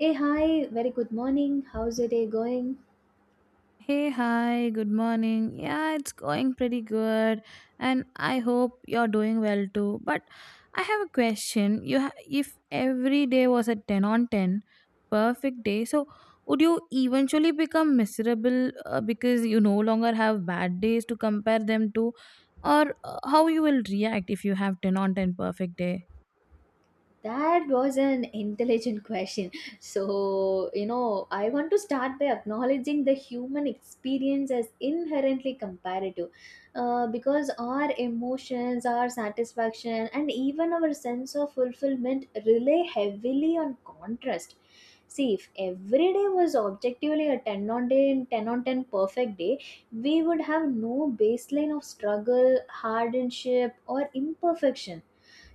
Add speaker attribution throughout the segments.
Speaker 1: Hey, hi, very good morning. How's your day going?
Speaker 2: Hey, hi, good morning. Yeah, it's going pretty good, and I hope you're doing well too. But I have a question. If every day was a 10 on 10, perfect day, so would you eventually become miserable because you no longer have bad days to compare them to, or how you will react if you have 10 on 10 perfect day?
Speaker 1: That was an intelligent question. So, you know, I want to start by acknowledging the human experience as inherently comparative because our emotions, our satisfaction, and even our sense of fulfillment rely heavily on contrast. See, if every day was objectively a 10 on day and 10 on 10 perfect day, we would have no baseline of struggle, hardship, or imperfection,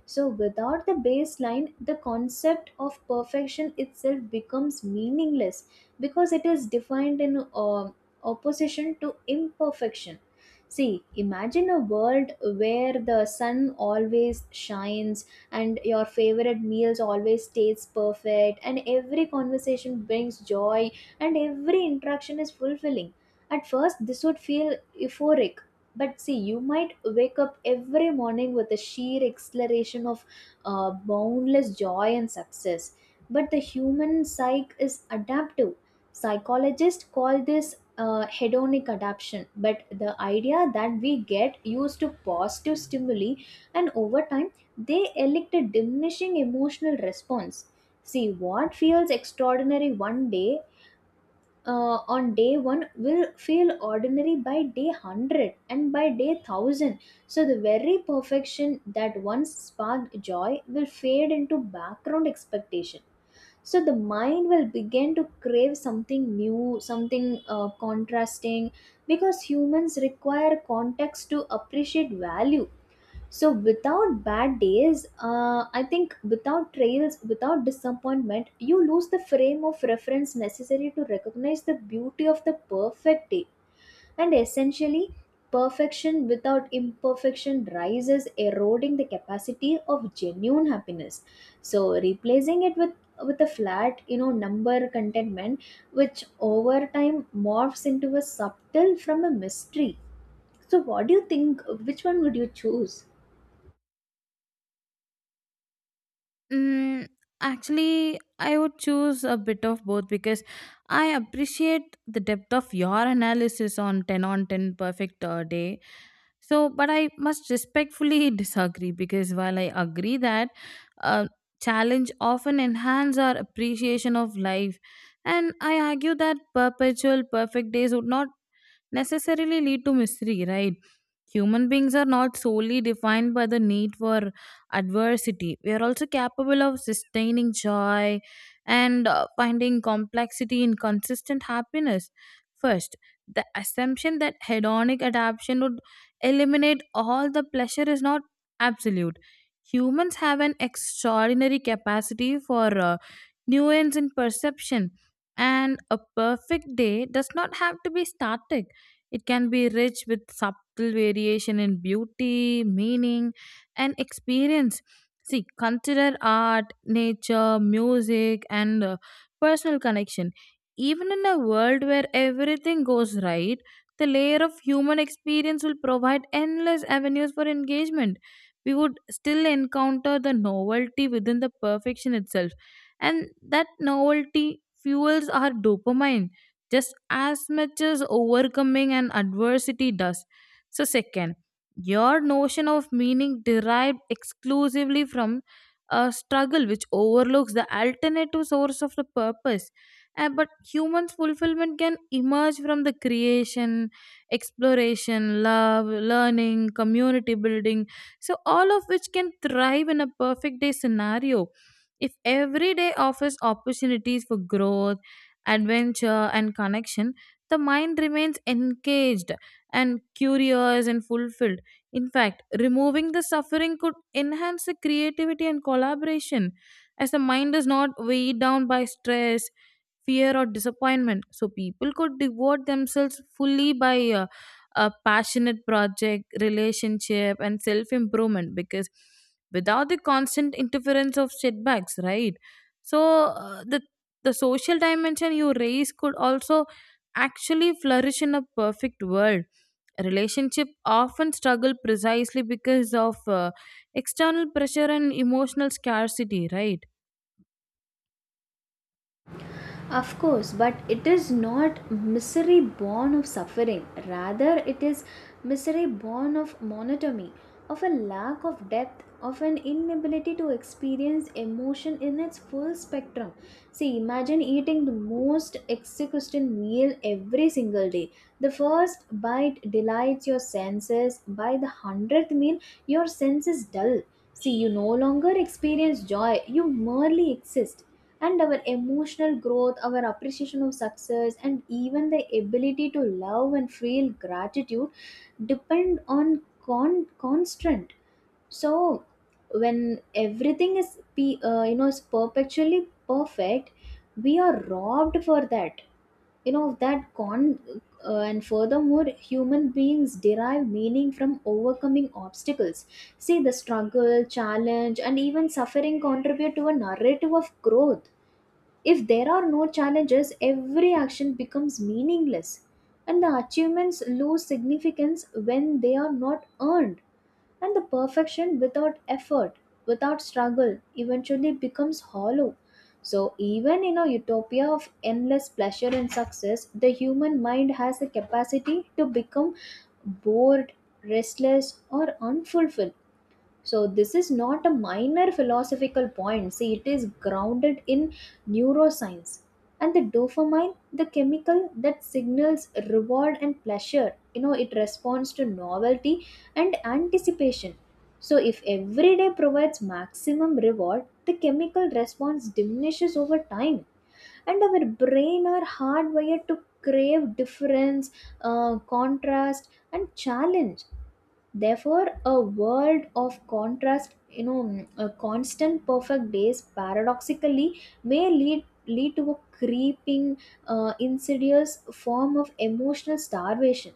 Speaker 1: so without the baseline, the concept of perfection itself becomes meaningless because it is defined in opposition to imperfection. See, imagine a world where the sun always shines and your favorite meals always tastes perfect and every conversation brings joy and every interaction is fulfilling. At first, this would feel euphoric, but see, you might wake up every morning with a sheer exhilaration of boundless joy and success. But the human psyche is adaptive. Psychologists call this hedonic adaptation. But the idea that we get used to positive stimuli and over time they elicit a diminishing emotional response. See, what feels extraordinary one day, on day one will feel ordinary by day 100 and by day 1,000, so the very perfection that once sparked joy will fade into background expectation. So the mind will begin to crave something new, something contrasting, because humans require context to appreciate value. So without bad days, I think without trails, without disappointment, you lose the frame of reference necessary to recognize the beauty of the perfect day. And essentially, perfection without imperfection rises, eroding the capacity of genuine happiness. So replacing it with a flat, number contentment, which over time morphs into a subtle from a mystery. So what do you think? Which one would you choose?
Speaker 2: Mm, actually, I would choose a bit of both because I appreciate the depth of your analysis on 10 on 10 perfect day. So, but I must respectfully disagree because while I agree that uh, challenge often enhance our appreciation of life, and I argue that perpetual perfect days would not necessarily lead to misery, right? Human beings are not solely defined by the need for adversity. We are also capable of sustaining joy and finding complexity in consistent happiness. First, the assumption that hedonic adaptation would eliminate all the pleasure is not absolute. Humans have an extraordinary capacity for nuance in perception, and a perfect day does not have to be static, it can be rich with subtle variation in beauty, meaning, and experience. See, consider art, nature, music, and personal connection. Even in a world where everything goes right, the layer of human experience will provide endless avenues for engagement. We would still encounter the novelty within the perfection itself, and that novelty fuels our dopamine just as much as overcoming an adversity does. So, second, your notion of meaning derived exclusively from a struggle which overlooks the alternative source of the purpose. But human fulfillment can emerge from the creation, exploration, love, learning, community building. So, all of which can thrive in a perfect day scenario. If every day offers opportunities for growth, adventure, and connection, the mind remains engaged and curious and fulfilled. In fact, removing the suffering could enhance the creativity and collaboration as the mind is not weighed down by stress, fear, or disappointment, so people could devote themselves fully by a passionate project, relationship, and self improvement because without the constant interference of setbacks, right? So uh, the the social dimension you raise could also actually flourish in a perfect world. Relationship often struggle precisely because of external pressure and emotional scarcity, right?
Speaker 1: Of course, but it is not misery born of suffering. Rather, it is misery born of monotony, of a lack of depth, of an inability to experience emotion in its full spectrum. See, imagine eating the most exquisite meal every single day. The first bite delights your senses, by the 100th meal, your senses dull. See, you no longer experience joy, you merely exist. And our emotional growth, our appreciation of success, and even the ability to love and feel gratitude depend on constant, so when everything is you know, is perpetually perfect, we are robbed for that, you know, of that con. And furthermore, human beings derive meaning from overcoming obstacles. See, the struggle, challenge, and even suffering contribute to a narrative of growth. If there are no challenges, every action becomes meaningless, and the achievements lose significance when they are not earned. And the perfection without effort, without struggle, eventually becomes hollow. So, even in a utopia of endless pleasure and success, the human mind has the capacity to become bored, restless, or unfulfilled. So, this is not a minor philosophical point. See, it is grounded in neuroscience. And the dopamine, the chemical that signals reward and pleasure, you know, it responds to novelty and anticipation. So, if every day provides maximum reward, the chemical response diminishes over time. And our brain are hardwired to crave difference, contrast, and challenge. Therefore, a world of contrast, a constant perfect days paradoxically may lead to a creeping, insidious form of emotional starvation.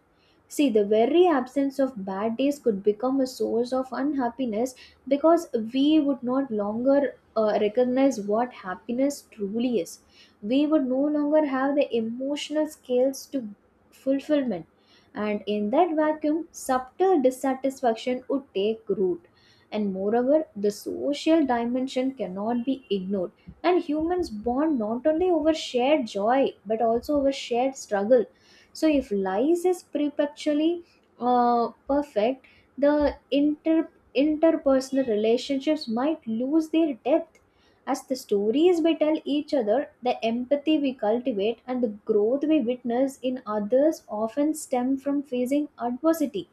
Speaker 1: See, the very absence of bad days could become a source of unhappiness, because we would not longer recognize what happiness truly is. We would no longer have the emotional scales to fulfillment, and in that vacuum, subtle dissatisfaction would take root. And moreover, the social dimension cannot be ignored. And humans bond not only over shared joy but also over shared struggle. So, if lies is perpetually perfect, the interpersonal relationships might lose their depth, as the stories we tell each other, the empathy we cultivate, and the growth we witness in others often stem from facing adversity.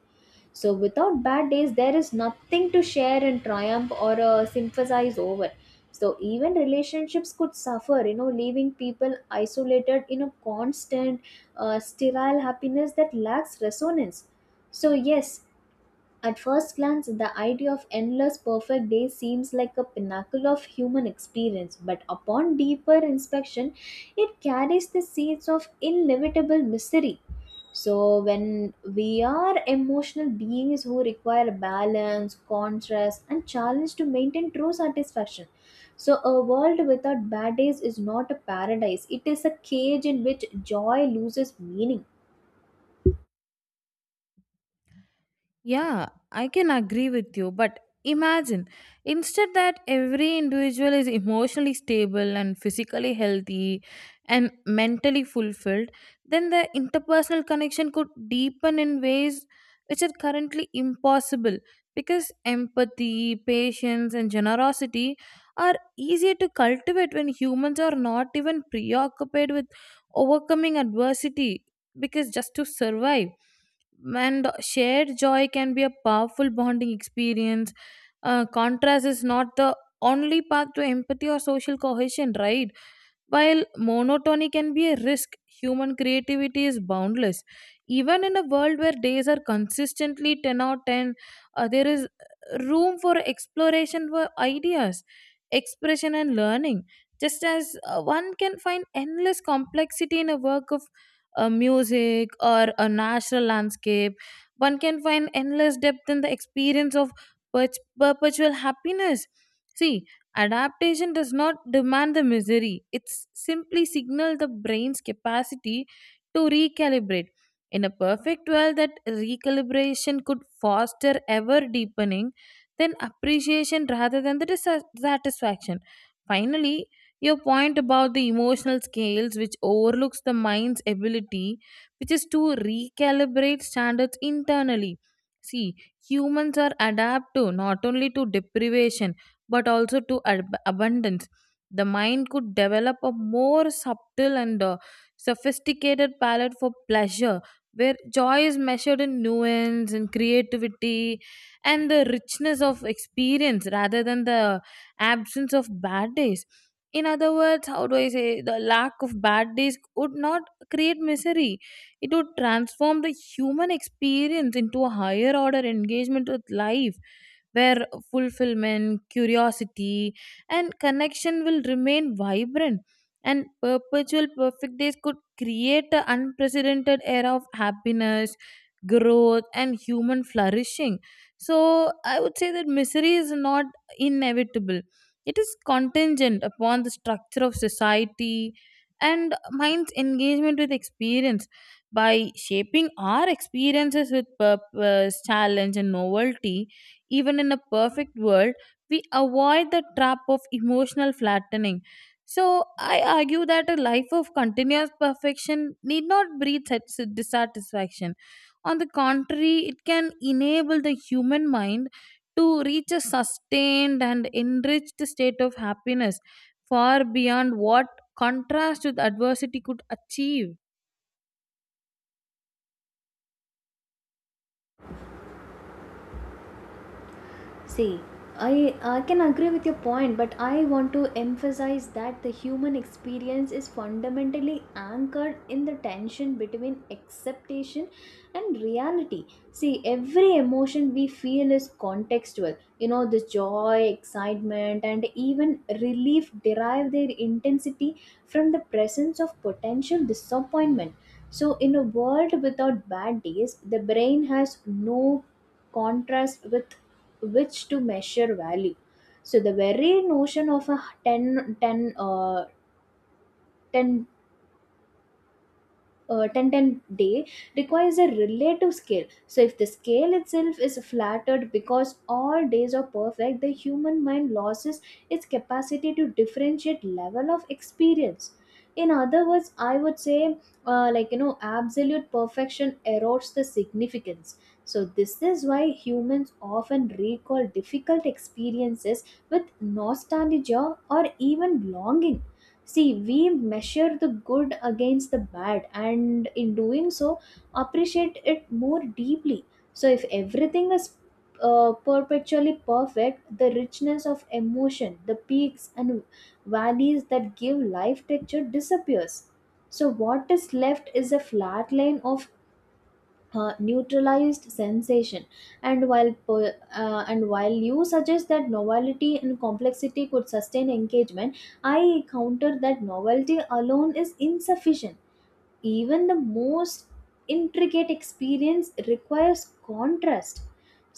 Speaker 1: So, without bad days, there is nothing to share and triumph or sympathize over. So, even relationships could suffer, you know, leaving people isolated in a constant, sterile happiness that lacks resonance. So, yes, at first glance, the idea of endless perfect days seems like a pinnacle of human experience, but upon deeper inspection, it carries the seeds of inevitable misery. So, when we are emotional beings who require balance, contrast, and challenge to maintain true satisfaction, so a world without bad days is not a paradise, it is a cage in which joy loses meaning.
Speaker 2: Yeah, I can agree with you, but imagine instead that every individual is emotionally stable and physically healthy and mentally fulfilled, then the interpersonal connection could deepen in ways which are currently impossible because empathy, patience, and generosity are easier to cultivate when humans are not even preoccupied with overcoming adversity because just to survive, and shared joy can be a powerful bonding experience. Contrast is not the only path to empathy or social cohesion, right? While monotony can be a risk, human creativity is boundless. Even in a world where days are consistently 10 out of 10, there is room for exploration, for ideas, expression, and learning. Just as one can find endless complexity in a work of music or a natural landscape, one can find endless depth in the experience of per- perpetual happiness. See, adaptation does not demand the misery. It simply signals the brain's capacity to recalibrate. In a perfect world, that recalibration could foster ever deepening, then appreciation rather than the dissatisfaction. Finally, your point about the emotional scales which overlooks the mind's ability, which is to recalibrate standards internally. See, humans are adapt to not only to deprivation but also to abundance. The mind could develop a more subtle and sophisticated palette for pleasure, where joy is measured in nuance and creativity and the richness of experience rather than the absence of bad days. In other words, how do I say, the lack of bad days would not create misery, it would transform the human experience into a higher order engagement with life where fulfillment, curiosity, and connection will remain vibrant. And perpetual perfect days could create an unprecedented era of happiness, growth, and human flourishing. So, I would say that misery is not inevitable, it is contingent upon the structure of society and mind's engagement with experience. By shaping our experiences with purpose, challenge, and novelty, even in a perfect world, we avoid the trap of emotional flattening. So, I argue that a life of continuous perfection need not breed dissatisfaction. On the contrary, it can enable the human mind to reach a sustained and enriched state of happiness far beyond what contrast with adversity could achieve.
Speaker 1: See, I can agree with your point, but I want to emphasize that the human experience is fundamentally anchored in the tension between acceptation and reality. See, every emotion we feel is contextual. You know, the joy, excitement, and even relief derive their intensity from the presence of potential disappointment. So, in a world without bad days, the brain has no contrast with which to measure value. So the very notion of a 10, 10, 10 10 10 day requires a relative scale. So if the scale itself is flattered because all days are perfect, the human mind loses its capacity to differentiate level of experience. In other words, I would say, absolute perfection erodes the significance. So this is why humans often recall difficult experiences with nostalgia or even longing. See, we measure the good against the bad, and in doing so, appreciate it more deeply. So, if everything is perpetually perfect, the richness of emotion, the peaks and valleys that give life texture disappears. So, what is left is a flat line of neutralized sensation. And and while you suggest that novelty and complexity could sustain engagement, I counter that novelty alone is insufficient. Even the most intricate experience requires contrast.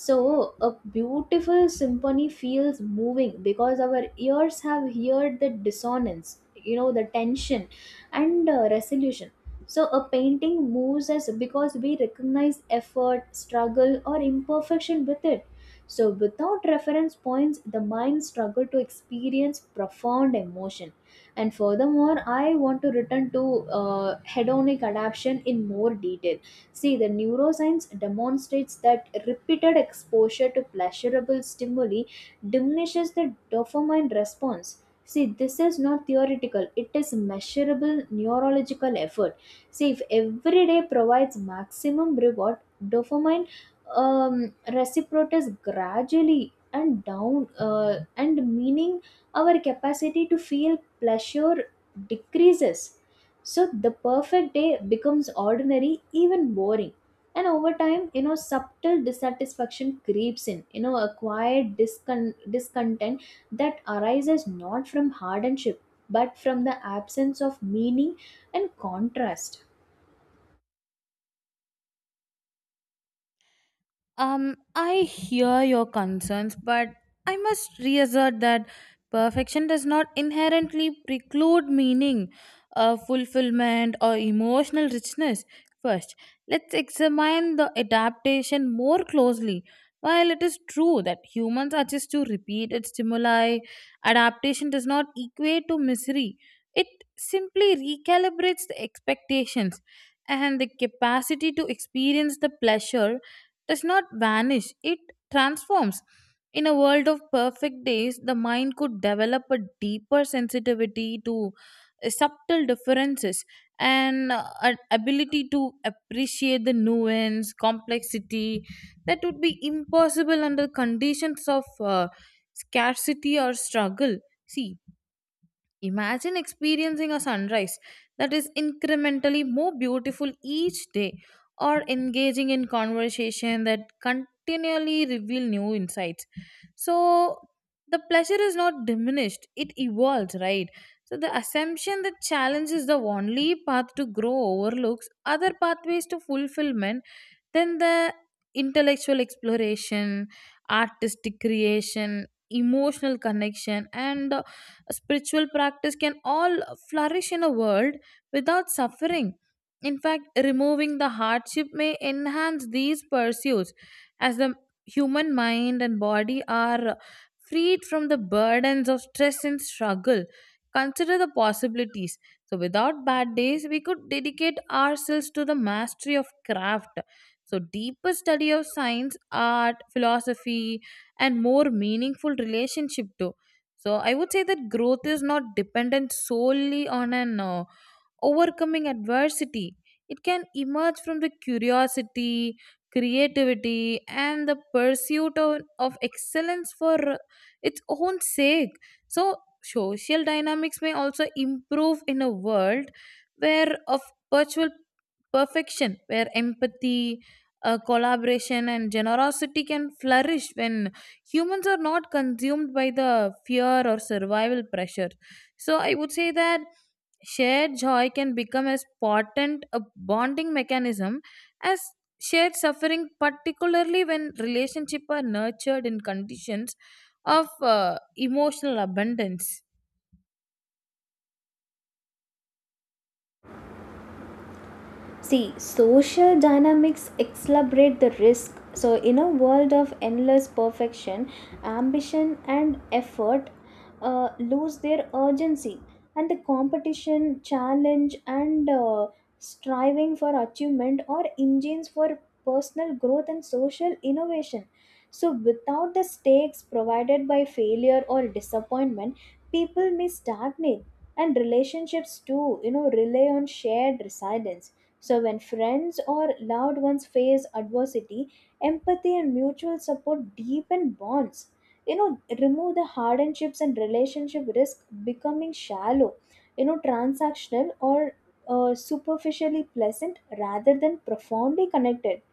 Speaker 1: So a beautiful symphony feels moving because our ears have heard the dissonance, you know, the tension and resolution. So a painting moves us because we recognize effort, struggle, or imperfection with it. So, without reference points, the mind struggles to experience profound emotion. And furthermore, I want to return to hedonic adaptation in more detail. See, the neuroscience demonstrates that repeated exposure to pleasurable stimuli diminishes the dopamine response. See, this is not theoretical, it is measurable neurological effort. See, if every day provides maximum reward, dopamine reciprocates gradually and down, and meaning, our capacity to feel pleasure decreases. So the perfect day becomes ordinary, even boring, and over time, you know, subtle dissatisfaction creeps in, you know, a quiet discontent that arises not from hardship but from the absence of meaning and contrast.
Speaker 2: I hear your concerns, but I must reassert that perfection does not inherently preclude meaning, fulfillment, or emotional richness. First, let's examine the adaptation more closely. While it is true that humans are just to repeated stimuli, adaptation does not equate to misery. It simply recalibrates the expectations, and the capacity to experience the pleasure does not vanish, it transforms. In a world of perfect days, the mind could develop a deeper sensitivity to subtle differences and an ability to appreciate the nuance, complexity that would be impossible under conditions of scarcity or struggle. See, imagine experiencing a sunrise that is incrementally more beautiful each day or engaging in conversation that continually reveal new insights. So the pleasure is not diminished, it evolves, right? So the assumption that challenge is the only path to grow overlooks other pathways to fulfillment than the intellectual exploration, artistic creation, emotional connection, and a spiritual practice can all flourish in a world without suffering. In fact, removing the hardship may enhance these pursuits as the human mind and body are freed from the burdens of stress and struggle. Consider the possibilities. So, without bad days, we could dedicate ourselves to the mastery of craft. So, deeper study of science, art, philosophy, and more meaningful relationship too. So I would say that growth is not dependent solely on an overcoming adversity. It can emerge from the curiosity, creativity, and the pursuit of excellence for its own sake. So, social dynamics may also improve in a world where of virtual perfection, where empathy, collaboration, and generosity can flourish when humans are not consumed by the fear or survival pressure. So, I would say that shared joy can become as potent a bonding mechanism as shared suffering, particularly when relationships are nurtured in conditions of emotional abundance.
Speaker 1: See, social dynamics accelerate the risk. So, in a world of endless perfection, ambition and effort lose their urgency, and the competition, challenge, and striving for achievement are engines for personal growth and social innovation. So, without the stakes provided by failure or disappointment, people may stagnate, and relationships too, you know, rely on shared resilience. So, when friends or loved ones face adversity, empathy and mutual support deepen bonds. You know, remove the hardships and relationship risk becoming shallow, you know, transactional or superficially pleasant rather than profoundly connected.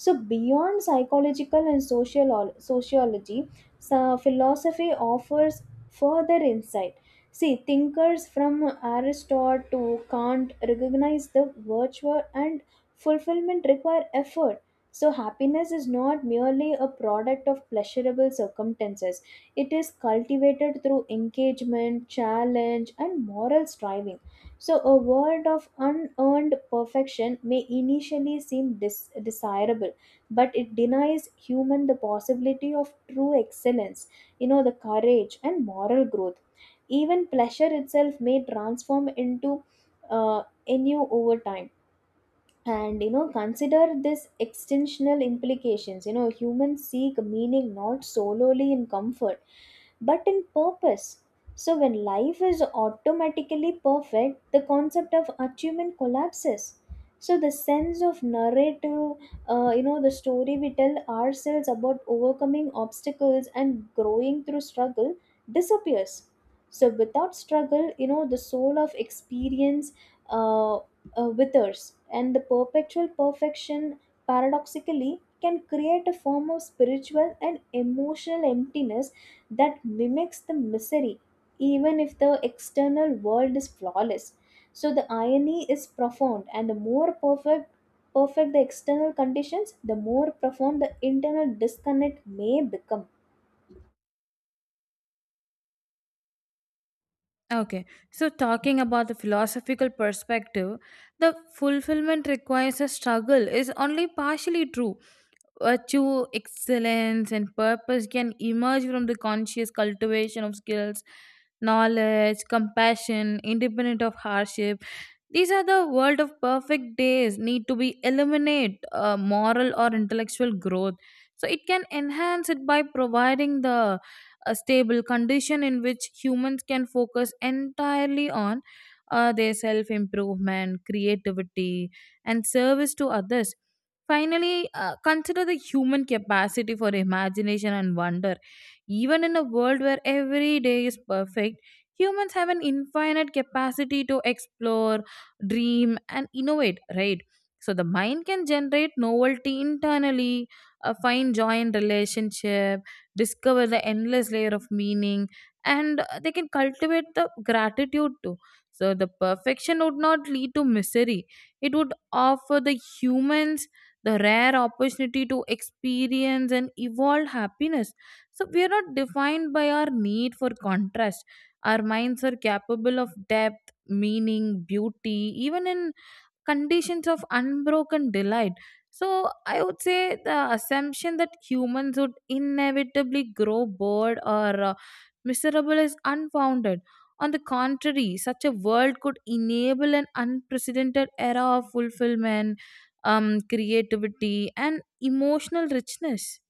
Speaker 1: So beyond psychological and social sociology, so philosophy offers further insight. See, thinkers from Aristotle to Kant recognize the virtue and fulfillment require effort. So, happiness is not merely a product of pleasurable circumstances, it is cultivated through engagement, challenge, and moral striving. So, a world of unearned perfection may initially seem desirable, but it denies human the possibility of true excellence, you know, the courage and moral growth. Even pleasure itself may transform into ennui over time. And you know, consider this extensional implications, you know, humans seek meaning not solely in comfort but in purpose. So when life is automatically perfect, the concept of achievement collapses. So the sense of narrative, you know, the story we tell ourselves about overcoming obstacles and growing through struggle disappears. So without struggle, you know, the soul of experience uh, withers, and the perpetual perfection paradoxically can create a form of spiritual and emotional emptiness that mimics the misery, even if the external world is flawless. So the irony is profound, and the more perfect the external conditions, the more profound the internal disconnect may become.
Speaker 2: Okay, so talking about the philosophical perspective, the fulfillment requires a struggle is only partially true. Virtue, excellence, and purpose can emerge from the conscious cultivation of skills, knowledge, compassion, independent of hardship. These are the world of perfect days need to be eliminate moral or intellectual growth. So it can enhance it by providing the a stable condition in which humans can focus entirely on their self improvement, creativity, and service to others. Finally, consider the human capacity for imagination and wonder. Even in a world where every day is perfect, humans have an infinite capacity to explore, dream, and innovate, right? So the mind can generate novelty internally, find joy in relationship, discover the endless layer of meaning, and they can cultivate the gratitude too. So the perfection would not lead to misery, it would offer the humans the rare opportunity to experience and evolve happiness. So we are not defined by our need for contrast, our minds are capable of depth, meaning, beauty, even in conditions of unbroken delight. So, I would say the assumption that humans would inevitably grow bored or miserable is unfounded. On the contrary, such a world could enable an unprecedented era of fulfillment, creativity, and emotional richness.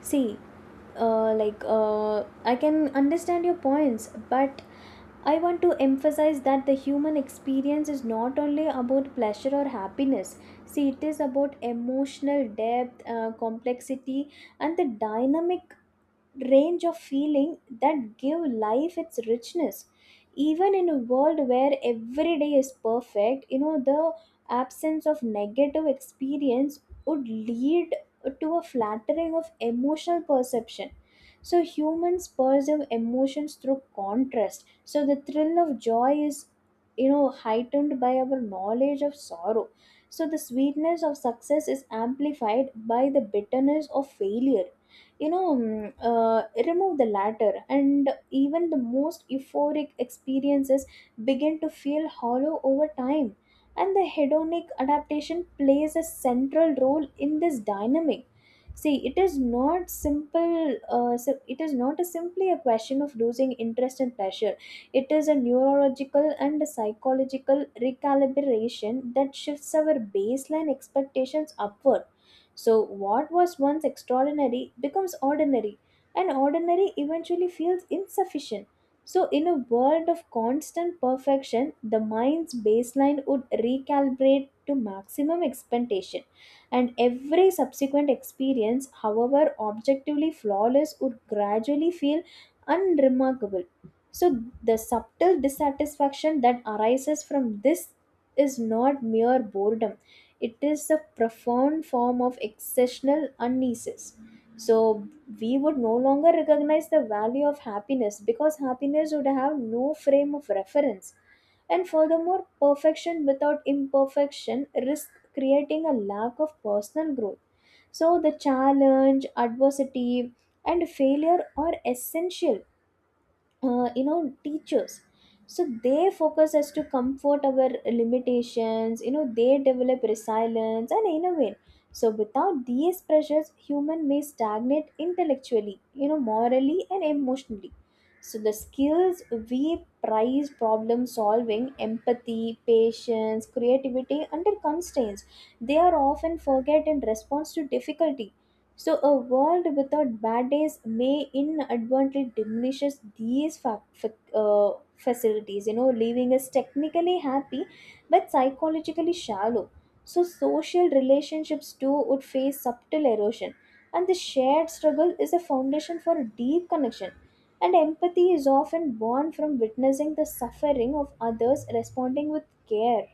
Speaker 1: See, I can understand your points, but I want to emphasize that the human experience is not only about pleasure or happiness. See, it is about emotional depth, complexity, and the dynamic range of feeling that give life its richness even in a world where every day is perfect. You know, the absence of negative experience would lead to a flattering of emotional perception. So humans perceive emotions through contrast. So the thrill of joy is, you know, heightened by our knowledge of sorrow. So the sweetness of success is amplified by the bitterness of failure you know mm, uh, Remove the latter and even the most euphoric experiences begin to feel hollow over time. And the hedonic adaptation plays a central role in this dynamic. See, it is not simple, it is not a simply a question of losing interest and pleasure. It is a neurological and a psychological recalibration that shifts our baseline expectations upward. So, what was once extraordinary becomes ordinary, and ordinary eventually feels insufficient. So, in a world of constant perfection, the mind's baseline would recalibrate to maximum expectation, and every subsequent experience, however objectively flawless, would gradually feel unremarkable. So, the subtle dissatisfaction that arises from this is not mere boredom, it is a profound form of exceptional uneases. So we would no longer recognize the value of happiness because happiness would have no frame of reference. And furthermore, perfection without imperfection risks creating a lack of personal growth. So the challenge, adversity, and failure are essential, you know, teachers. So they focus as to comfort our limitations, you know, they develop resilience and innovate. So without these pressures human may stagnate intellectually, you know, morally and emotionally. So the skills we prize, problem solving, empathy, patience, creativity under constraints, they are often forget in response to difficulty. So a world without bad days may inadvertently diminishes these facilities, you know, leaving us technically happy but psychologically shallow. So social relationships too would face subtle erosion, and the shared struggle is a foundation for deep connection. And empathy is often born from witnessing the suffering of others, responding with care.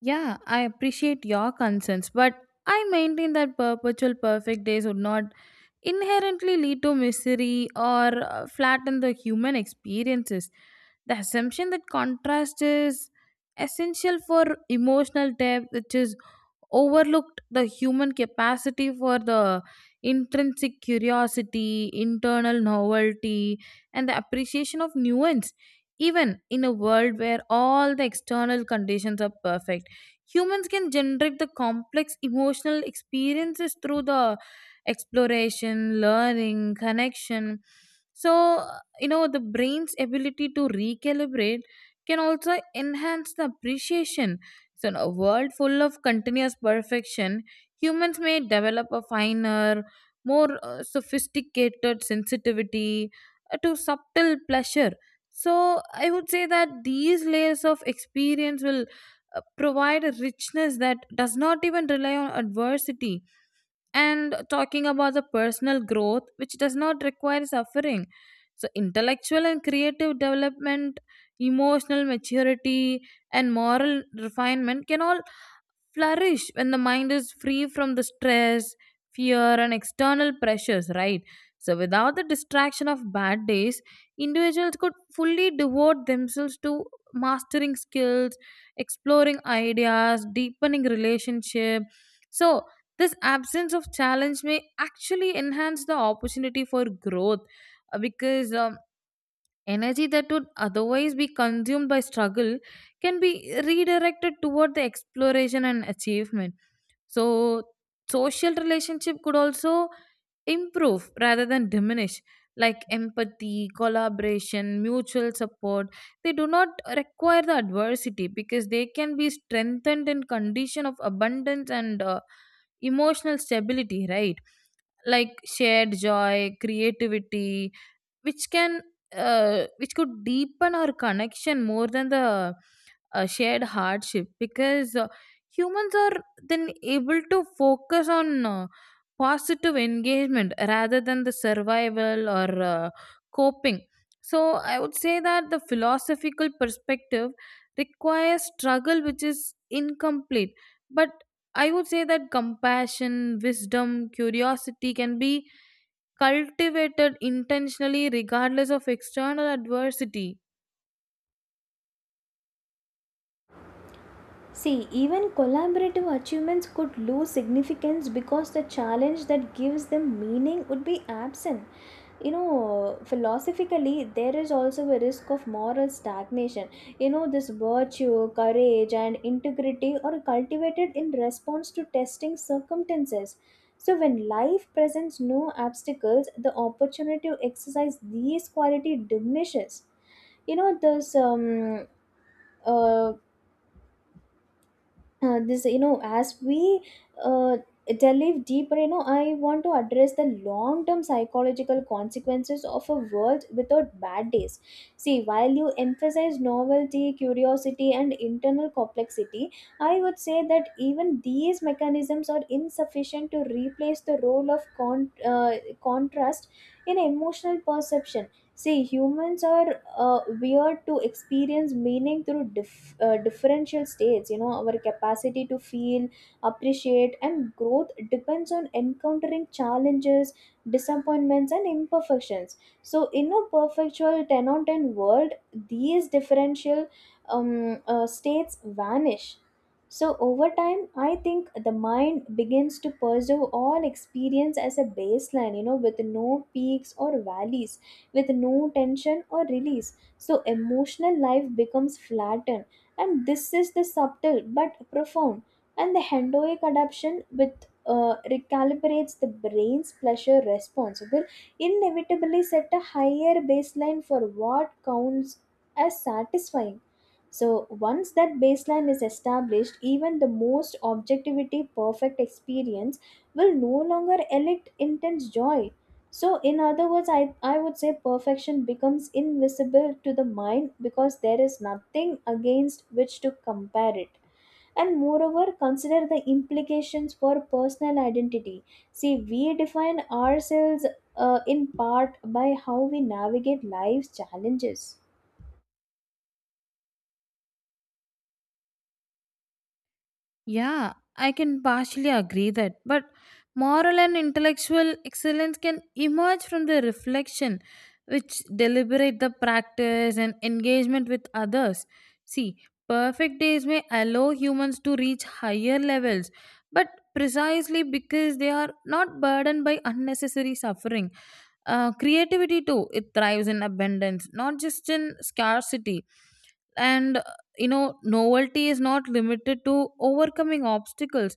Speaker 2: Yeah, I appreciate your concerns, but I maintain that perpetual perfect days would not inherently lead to misery or flatten the human experiences. The assumption that contrast is essential for emotional depth, which is overlooked the human capacity for the intrinsic curiosity, internal novelty, and the appreciation of nuance. Even in a world where all the external conditions are perfect, humans can generate the complex emotional experiences through the exploration, learning, connection. So, you know, the brain's ability to recalibrate can also enhance the appreciation. So, in a world full of continuous perfection, humans may develop a finer, more sophisticated sensitivity to subtle pleasure. So, I would say that these layers of experience will provide a richness that does not even rely on adversity. And talking about the personal growth which does not require suffering, so intellectual and creative development, emotional maturity, and moral refinement can all flourish when the mind is free from the stress, fear, and external pressures, right? So, without the distraction of bad days, individuals could fully devote themselves to mastering skills, exploring ideas, deepening relationship. So, this absence of challenge may actually enhance the opportunity for growth because energy that would otherwise be consumed by struggle can be redirected toward the exploration and achievement. So, social relationship could also improve rather than diminish, like empathy, collaboration, mutual support. They do not require the adversity because they can be strengthened in condition of abundance and emotional stability, right? Like shared joy, creativity, which can which could deepen our connection more than the shared hardship because humans are then able to focus on positive engagement rather than the survival or uh, coping. So I would say that the philosophical perspective requires struggle which is incomplete, but I would say that compassion, wisdom, curiosity can be cultivated intentionally regardless of external adversity.
Speaker 1: See, even collaborative achievements could lose significance because the challenge that gives them meaning would be absent. You know, philosophically, there is also a risk of moral stagnation. You know, this virtue, courage, and integrity are cultivated in response to testing circumstances. So, when life presents no obstacles, the opportunity to exercise these qualities diminishes. You know this uh, this you know as we uh, delve deeper, you know, I want to address the long term psychological consequences of a world without bad days. See, while you emphasize novelty, curiosity and internal complexity, I would say that even these mechanisms are insufficient to replace the role of contrast in emotional perception. See, humans are weird to experience meaning through differential states. You know, our capacity to feel, appreciate, and growth depends on encountering challenges, disappointments, and imperfections. So, in a perpetual 10 on 10 world, these differential states vanish. So, over time, I think the mind begins to pursue all experience as a baseline, you know, with no peaks or valleys, with no tension or release. So emotional life becomes flattened, and this is the subtle but profound. And the hendoic adaptation with recalibrates the brain's pleasure response will inevitably set a higher baseline for what counts as satisfying. So once that baseline is established, even the most objectivity perfect experience will no longer elicit intense joy. So, in other words, I would say perfection becomes invisible to the mind because there is nothing against which to compare it. And moreover, consider the implications for personal identity. See, we define ourselves in part by how we navigate life's challenges.
Speaker 2: Yeah, I can partially agree that, but moral and intellectual excellence can emerge from the reflection which deliberate the practice and engagement with others. See, perfect days may allow humans to reach higher levels, but precisely because they are not burdened by unnecessary suffering. Creativity too, it thrives in abundance, not just in scarcity, and, you know, novelty is not limited to overcoming obstacles,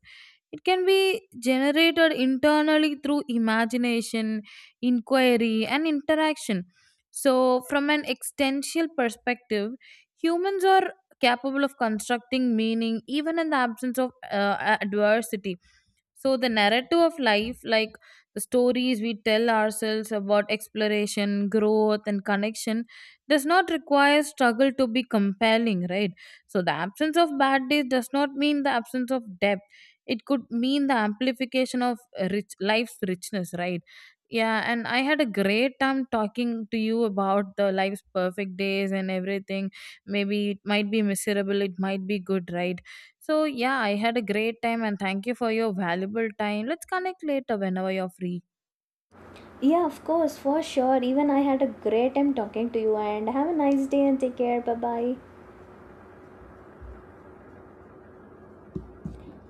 Speaker 2: it can be generated internally through imagination, inquiry, and interaction. So from an existential perspective, humans are capable of constructing meaning even in the absence of adversity. So the narrative of life, like the stories we tell ourselves about exploration, growth, and connection, does not require struggle to be compelling, right? So the absence of bad days does not mean the absence of depth. It could mean the amplification of rich life's richness, right? Yeah, and I had a great time talking to you about the life's perfect days and everything. Maybe it might be miserable, it might be good, right? So, yeah, I had a great time and thank you for your valuable time. Let's connect later whenever you're free.
Speaker 1: Yeah, of course, for sure. Even I had a great time talking to you, and have a nice day and take care. Bye bye.